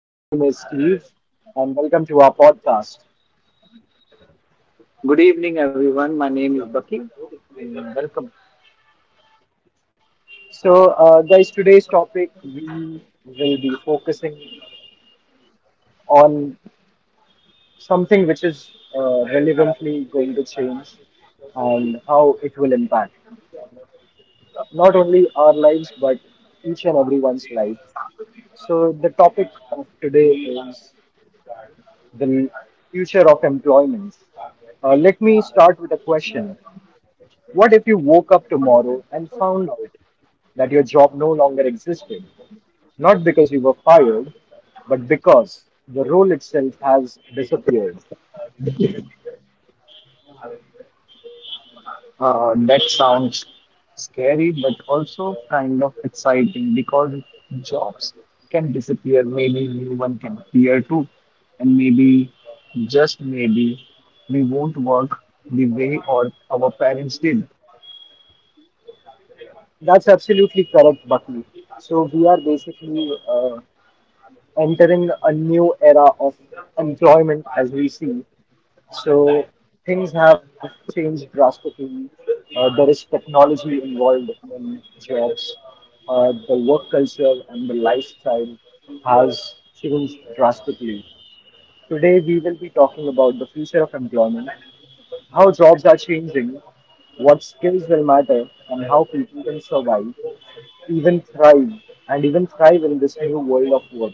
My name is Steve, and welcome to our podcast. Good evening, everyone. My name is Bucky, and welcome. So, guys, today's topic we will be focusing on something which is relevantly going to change and how it will impact not only our lives but each and everyone's life. So, the topic of today is the future of employment. Let me start with a question. What if you woke up tomorrow and found out that your job no longer existed? Not because you were fired, but because the role itself has disappeared. That sounds scary, but also kind of exciting because jobs can disappear. Maybe new one can appear too, and maybe, just maybe, we won't work the way or our parents did. That's absolutely correct, Bucky. So we are basically entering a new era of employment as we see. So things have changed drastically. There is technology involved in jobs. The work culture and the lifestyle has changed drastically. Today, we will be talking about the future of employment, how jobs are changing, what skills will matter, and how people can survive even thrive in this new world of work.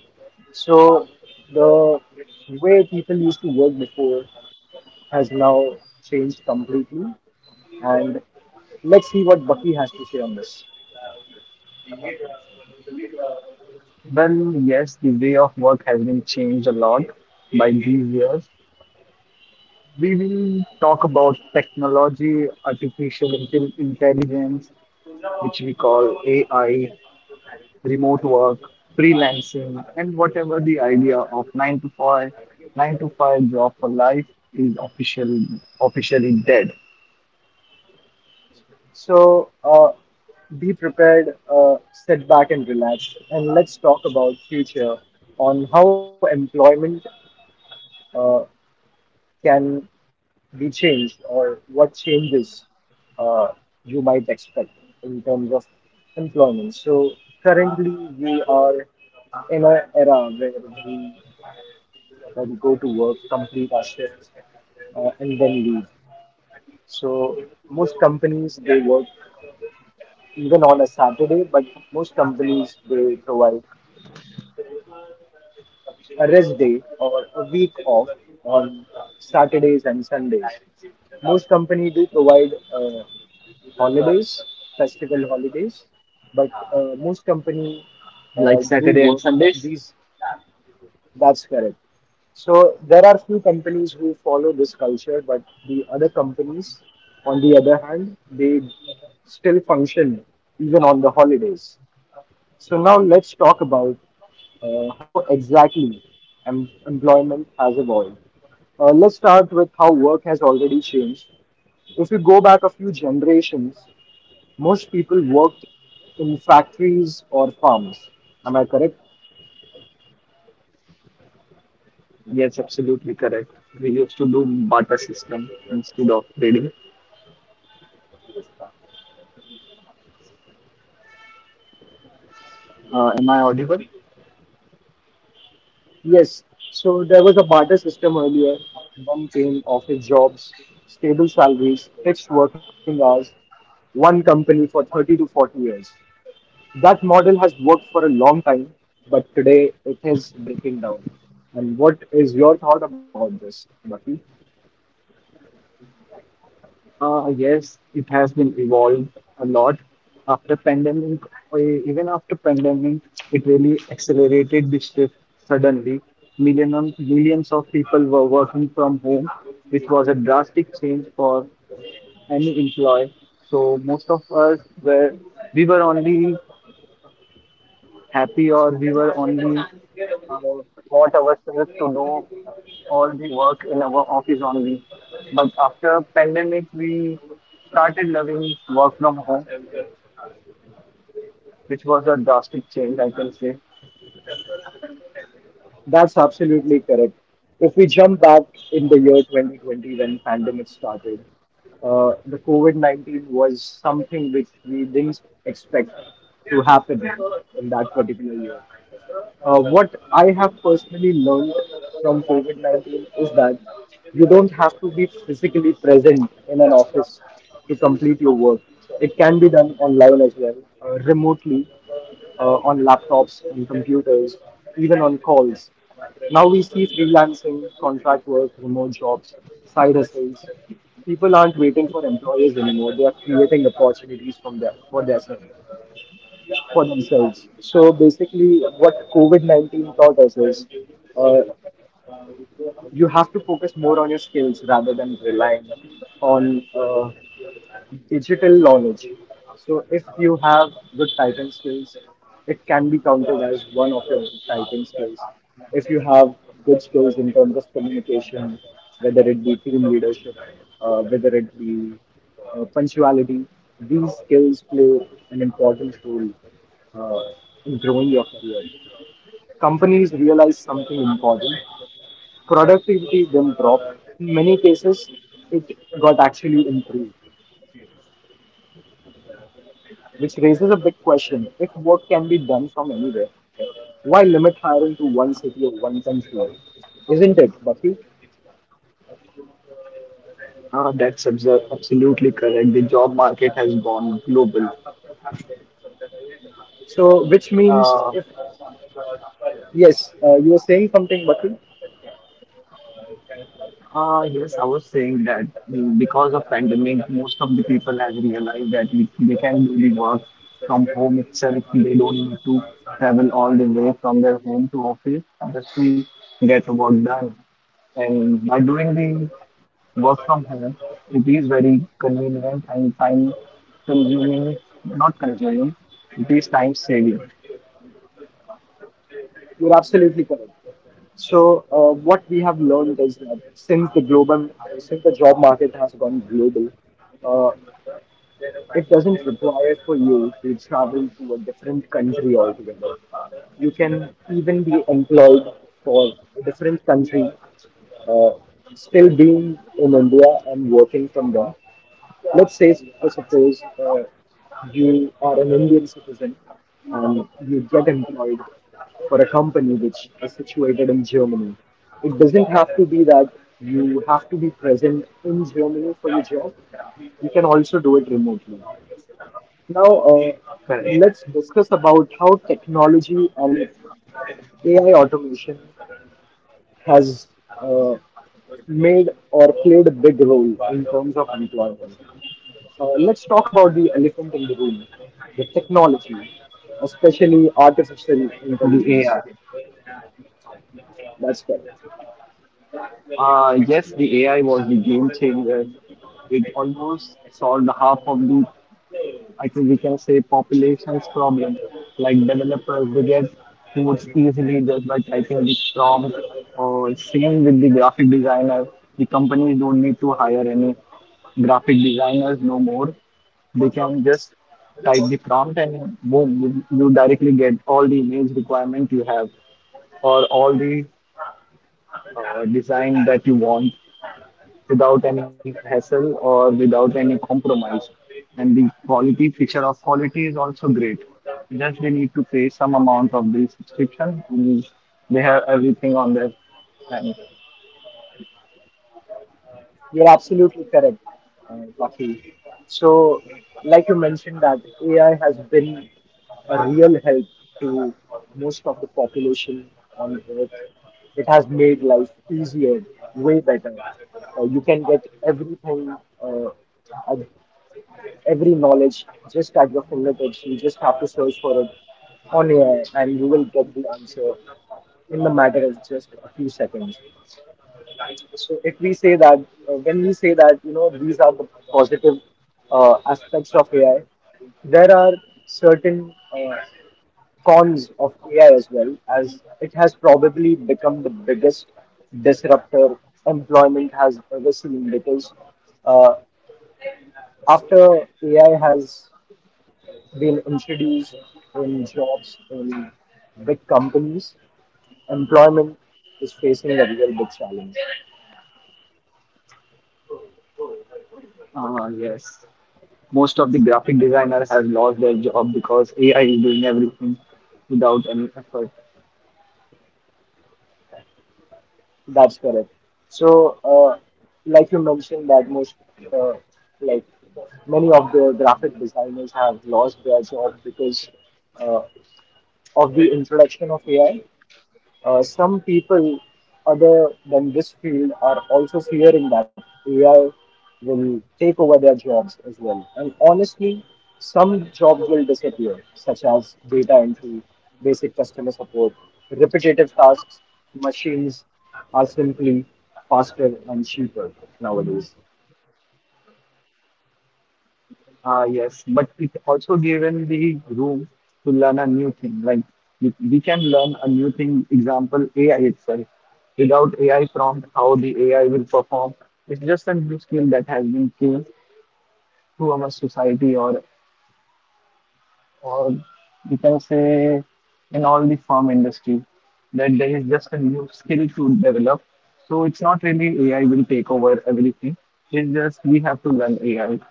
So the way people used to work before has now changed completely. And let's see what Bucky has to say on this. Well, yes, the way of work has been changed a lot by these years. We will talk about technology, artificial intelligence, which we call AI, remote work, freelancing, and whatever the idea of 9 to 5, 9 to 5 job for life is officially dead. So uh, be prepared, sit back and relax, and let's talk about future on how employment uh, can be changed or what changes uh, you might expect in terms of employment. So currently we are in an era where we, where go to work, complete our shifts, and then leave. So most companies they work even on a Saturday, but most companies they provide a rest day or a week off on Saturdays and Sundays. Most company do provide uh, holidays, festival holidays, but most company Like Saturday and do Sundays? work on these. That's correct. So there are few companies who follow this culture, but the other companies, on the other hand, they still function even on the holidays. So now let's talk about how exactly employment has evolved. Let's start with how work has already changed. If we go back a few generations, most people worked in factories or farms. Am I correct? Yes, absolutely correct. We used to do barter system instead of trading. Am I audible? Yes. So there was a barter system earlier. One came office jobs, stable salaries, fixed working hours, one company for 30 to 40 years. That model has worked for a long time, but today it is breaking down. And what is your thought about this, Bucky? Yes, it has been evolved a lot after pandemic, or even after pandemic, it really accelerated this shift suddenly. Millions of people were working from home, which was a drastic change for any employee. So most of us were only happy or we were only taught ourselves to do all the work in our office only. But after pandemic, we started loving work from home, which was a drastic change, I can say. That's absolutely correct. If we jump back in the year 2020 when pandemic started, the COVID-19 was something which we didn't expect to happen in that particular year. What I have personally learned from COVID-19 is that you don't have to be physically present in an office to complete your work. It can be done online as well, remotely, on laptops, on computers, even on calls. Now we see freelancing, contract work, remote jobs, side hustles. People aren't waiting for employers anymore. They are creating opportunities from them for themselves. So basically, what COVID COVID-19 taught us is uh, you have to focus more on your skills rather than relying on digital knowledge. So if you have good typing skills, it can be counted as one of your typing skills. If you have good skills in terms of communication, whether it be team leadership, whether it be punctuality. These skills play an important role uh, in growing your career. Companies realize something important. Productivity didn't drop. In many cases, it got actually improved, which raises a big question. If work can be done from anywhere, why limit hiring to one city or one country? Isn't it, Buffy? That's absolutely correct. The job market has gone global. So, which means Uh, if, yes, you were saying something, Buffy? yes, I was saying that because of pandemic, most of the people have realized that they can do the work from home itself. They don't need to travel all the way from their home to office just to get work done. And by doing the work from home, it is very convenient and time consuming, not consuming, it is time saving. You're absolutely correct. So, what we have learned is that since the job market has gone global, uh, it doesn't require for you to travel to a different country altogether. You can even be employed for a different country, uh, still being in India and working from there. Let's say, suppose you are an Indian citizen and you get employed for a company which is situated in Germany. It doesn't have to be that you have to be present in Germany for your job. You can also do it remotely. Now, uh, Correct. let's discuss about how technology and AI automation has uh, made or played a big role in terms of employment. Let's talk about the elephant in the room, the technology, especially artificial The AI. intelligence. That's correct. Yes, the AI was the game changer. It almost solved half of I think we can say, population's problem. Like developers, they get codes easily just by typing the prompt. Or same with the graphic designer. The companies don't need to hire any graphic designers no more. They can just type the prompt and boom, you directly get all the image requirement you have or all the design that you want without any hassle or without any compromise. And the quality feature of quality is also great. Just they need to pay some amount of the subscription. And they have everything on their and You're absolutely correct, Lucky. So, like you mentioned, that AI has been a real help to most of the population on Earth. It has made life easier, way better. You can get everything, uh, at every knowledge just at your fingertips. You just have to search for it on AI, and you will get the answer in the matter of just a few seconds. So if we say that, when we say that, you know, these are the positive aspects of AI, there are certain cons of AI as well, as it has probably become the biggest disruptor employment has ever seen because uh, after AI has been introduced in jobs in big companies, employment is facing a real big challenge. yes, most of the graphic designers have lost their job because AI is doing everything without any effort. That's correct. So, like you mentioned, that most, uh, like many of the graphic designers have lost their job because uh, of the introduction of AI. Some people other than this field are also fearing that AI will take over their jobs as well. And honestly, some jobs will disappear, such as data entry, basic customer support, repetitive tasks. Machines are simply faster and cheaper nowadays. Yes, but it also given the room to learn a new thing. Like we can learn a new thing, example, AI itself. Without AI prompt, how the AI will perform. It's just a new skill that has been changed to our society or you can say in all the farm industry that there is just a new skill to develop. So it's not really AI will take over everything. It's just we have to learn AI.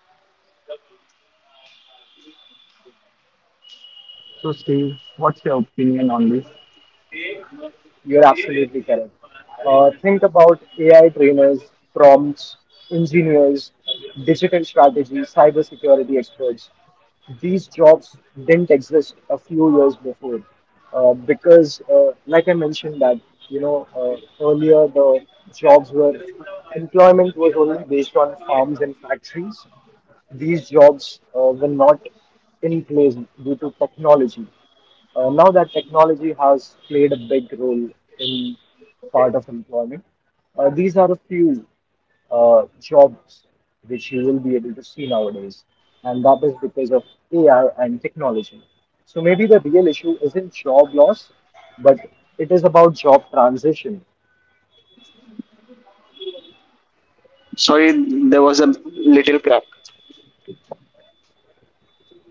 So Steve, what's your opinion on this? You're absolutely correct. Think about AI trainers, prompts, engineers, digital strategy, cybersecurity experts. These jobs didn't exist a few years before, like I mentioned, that you know uh, earlier the jobs were employment was only based on farms and factories. These jobs were not in place due to technology. Now that technology has played a big role in part of employment, these are a few jobs which you will be able to see nowadays, and that is because of AI and technology. So maybe the real issue isn't job loss, but it is about job transition. Sorry, there was a little crack.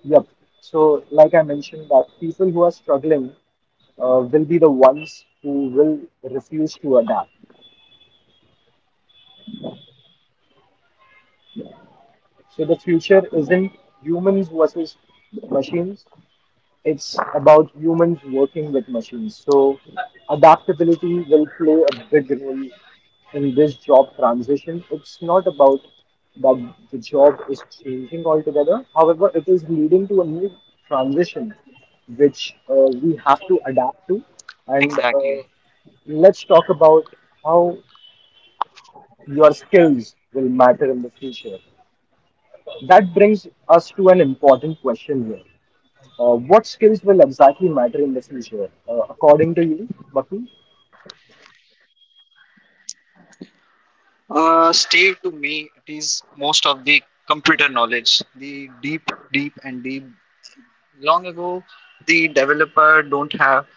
Yep. So like I mentioned, that people who are struggling will be the ones who will refuse to adapt. So the future isn't humans versus machines, it's about humans working with machines. So adaptability will play a big role in this job transition. It's not about that the job is changing altogether. However, it is leading to a new transition which we have to adapt to. And let's talk about how your skills will matter in the future. That brings us to an important question here. What skills will exactly matter in the future, according to you, Bucky? Steve, to me, it is most of the computer knowledge. The deep, deep, and deep. Long ago, the developer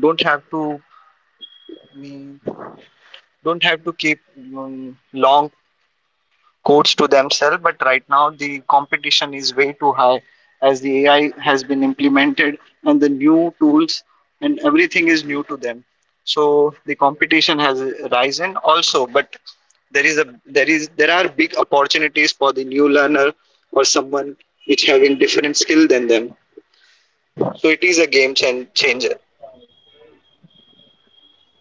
don't have to mm, don't have to keep long codes to themselves, but right now the competition is way too high as the AI has been implemented and the new tools and everything is new to them, so the competition has risen also. But there is a there is there are big opportunities for the new learner or someone which having different skill than them, so it is a game changer.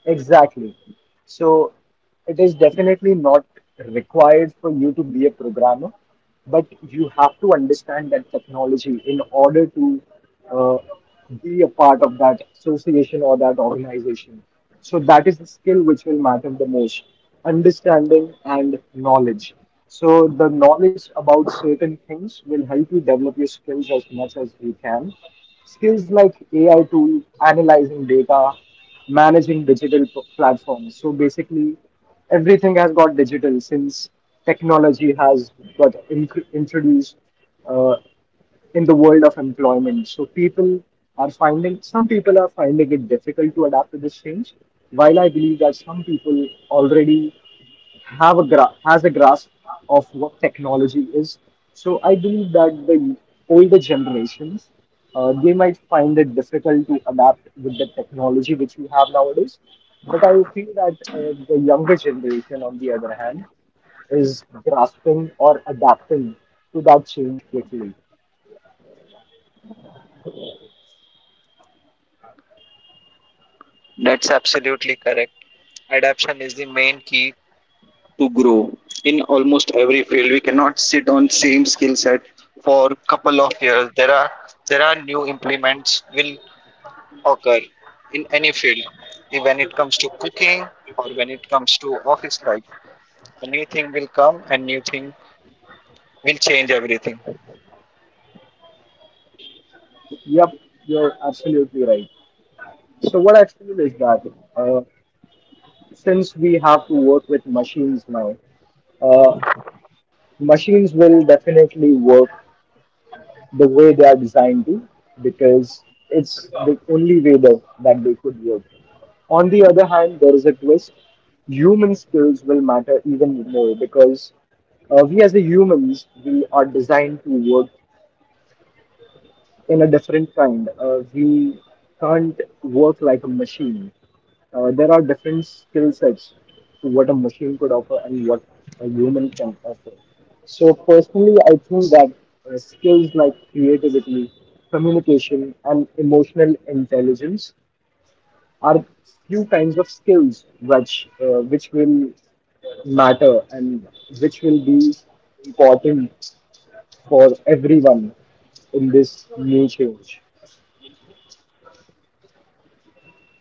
Exactly. So it is definitely not required for you to be a programmer, but you have to understand that technology in order to uh, be a part of that association or that organization. So that is the skill which will matter the most, understanding and knowledge. So the knowledge about certain things will help you develop your skills as much as you can. Skills like AI tool, analyzing data, managing digital platforms. So basically, everything has got digital since technology has got introduced uh, in the world of employment. So some people are finding it difficult to adapt to this change, while I believe that some people already has a grasp of what technology is. So I believe that the older generations they might find it difficult to adapt with the technology which we have nowadays. But I feel that the younger generation, on the other hand, is grasping or adapting to that change quickly. That's absolutely correct. Adaptation is the main key to grow in almost every field. We cannot sit on same skill set for couple of years. There are new implements will occur in any field. When it comes to cooking or when it comes to office life, a new thing will come and new thing will change everything. Yep, you're absolutely right. So what I feel is that uh, since we have to work with machines now, uh, machines will definitely work the way they are designed to because it's the only way that they could work. On the other hand, there is a twist. Human skills will matter even more because we as the humans, we are designed to work in a different kind. We can't work like a machine. There are different skill sets to what a machine could offer and what a human can offer. So personally, I think that skills like creativity, communication, and emotional intelligence are few kinds of skills which will matter and which will be important for everyone in this new change.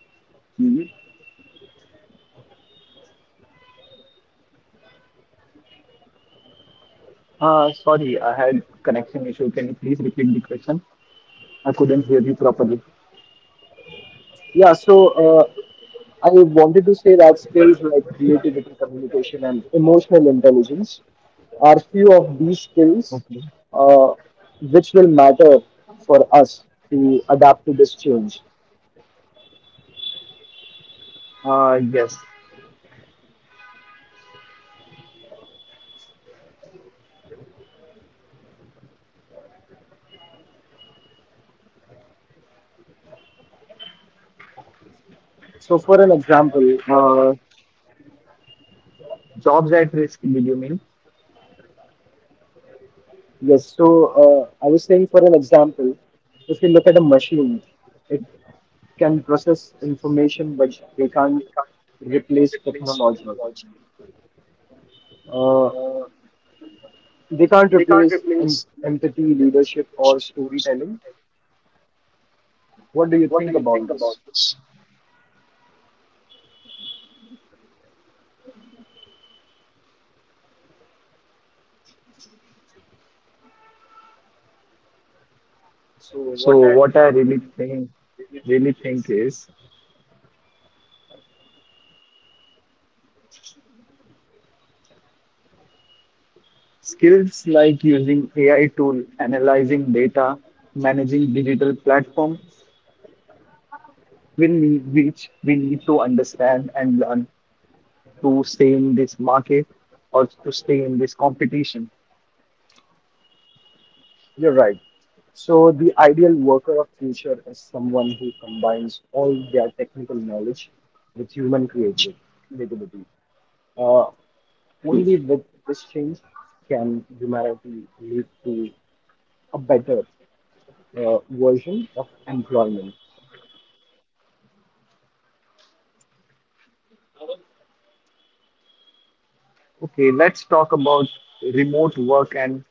hmm sorry, I had connection issue. Can you please repeat the question? I couldn't hear you properly. Yeah, so uh, I wanted to say that skills like creativity, communication, and emotional intelligence are few of these skills Okay. uh, which will matter for us to adapt to this change. Yes. So, for an example, Uh, uh, jobs at risk, did you mean? yes, I was saying, for an example, if you look at a machine, it can process information, but they can't replace technology. Uh, They can't replace empathy, leadership, or storytelling. What do you think about this? So So what I what I really think, think if you really think think is, is skills like using AI tool, analyzing data, managing digital platform will need, which we need to understand and learn to stay in this market or to stay in this competition You're right. So the ideal worker of future is someone who combines all their technical knowledge with human creativity. creativity. Uh, too. only with this change can humanity lead to a better version of employment. Okay, let's talk about remote work and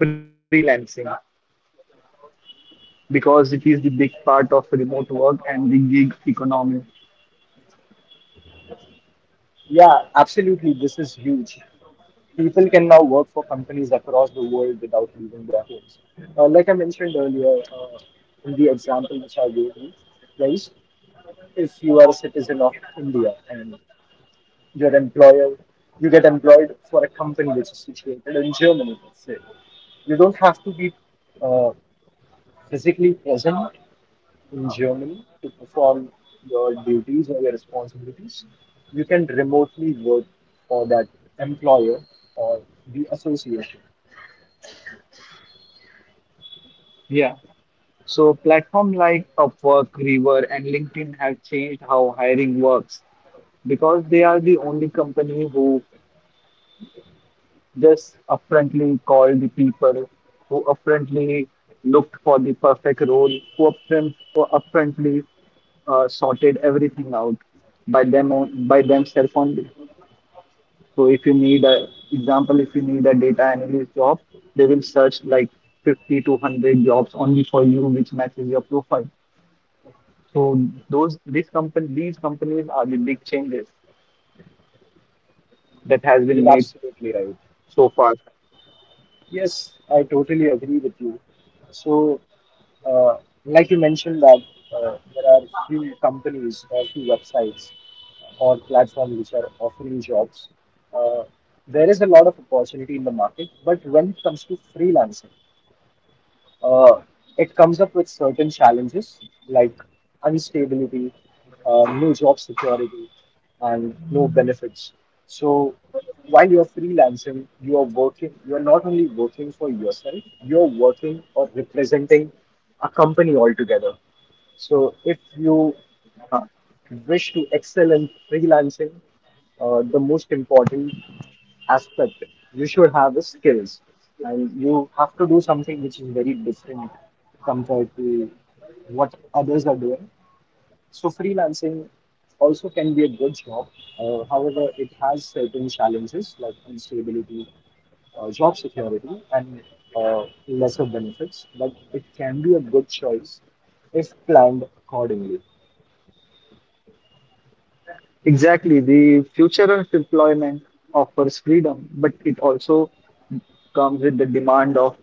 freelancing because it is the big part of remote work and the gig economy. Yeah, absolutely. This is huge. People can now work for companies across the world without leaving their homes. Like I mentioned earlier, in the example which I gave you, guys, if you are a citizen of India and your employer, you get employed for a company which is situated in Germany, let's say. You don't have to be uh, physically present in Germany to perform your duties or your responsibilities. You can remotely work for that employer or the association. Yeah. So platforms like Upwork, Rever, and LinkedIn have changed how hiring works, because they are the only company who just upfrontly called the people, who upfrontly looked for the perfect role, who upfrontly sorted everything out by by themselves only. So if you need a example, if you need a data analyst job, they will search like 50 to 100 jobs only for you, which matches your profile. So those these company these companies are the big changes that has You're been made absolutely right. so far. Yes, I totally agree with you. So, uh, like you mentioned that there are few companies or few websites or platforms which are offering jobs. Uh, there is a lot of opportunity in the market, but when it comes to freelancing, uh, it comes up with certain challenges like instability, no job security, and no benefits. So while you're freelancing, you're not only working for yourself, you're working or representing a company altogether. So if you Uh, wish to excel in freelancing, the most important aspect, you should have is skills, and you have to do something which is very different compared to what others are doing. So freelancing also can be a good job. However, it has certain challenges like instability, job security, and lesser benefits. But it can be a good choice if planned accordingly. exactly, the future of employment offers freedom, but it also comes with the demand of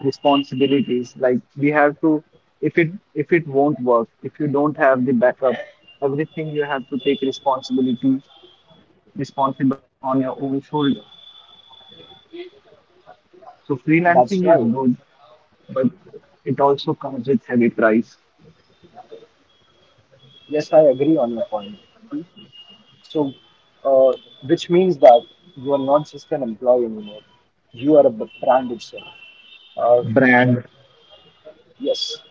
responsibilities. Like we have to, if it won't work, if you don't have the backup, everything you have to take responsibility responsible for on your own shoulder. So That's freelancing right. is good, but it also comes with heavy price, Yes, I agree on your point. So, uh, which means that you are not just an employee anymore. You are a brand itself. Uh, brand. yes.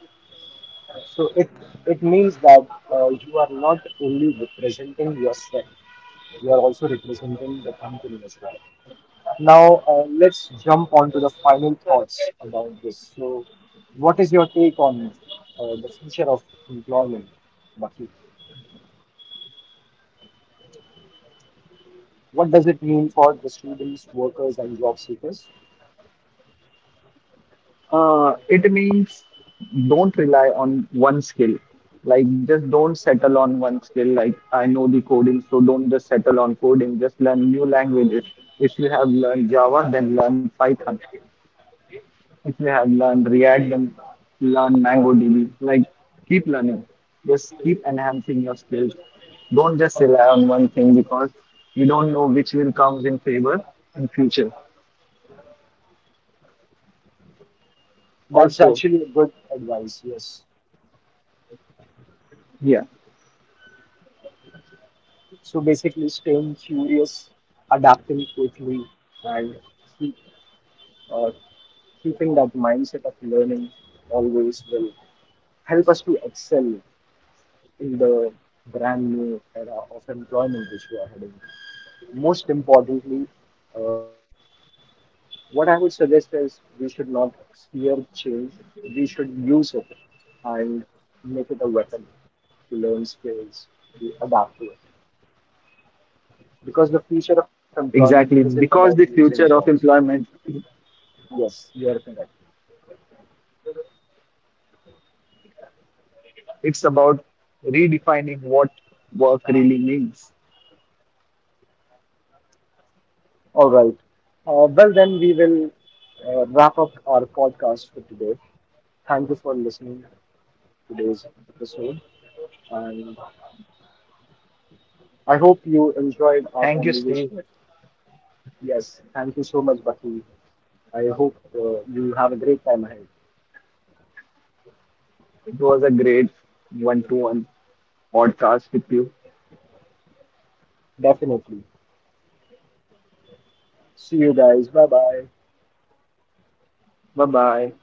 So it means that you are not only representing yourself. You are also representing the company as well. Let's jump on to the final thoughts about this. So, what is your take on the future of employment, Bucky? What does it mean for the students, workers, and job seekers? It means don't rely on one skill. Like, just don't settle on one skill. Like, I know the coding, so don't just settle on coding. Just learn new languages. If you have learned Java, then learn Python. If you have learned React, then learn MongoDB. Like, keep learning. Just keep enhancing your skills. Don't just rely on one thing because you don't know which will comes in favor in future. That's Also, actually a good advice, yes. yeah. So basically, staying curious, adapting quickly, and keep, uh, keeping that mindset of learning always will help us to excel in the brand new era of employment which we are heading to. Most importantly, uh, what I would suggest is we should not fear change, we should use it and make it a weapon to learn skills, to adapt to it. Because the future of employment Exactly, isn't about because the losing future jobs. of employment, Yes, you are correct. it's about redefining what work really means. All right. Then we will wrap up our podcast for today. Thank you for listening to today's episode. And I hope you enjoyed our Thank you, Steve. conversation. Yes, thank you so much, Bucky. I hope you have a great time ahead. It was a great one-to-one podcast with you. Definitely. See you guys. Bye bye. Bye-bye.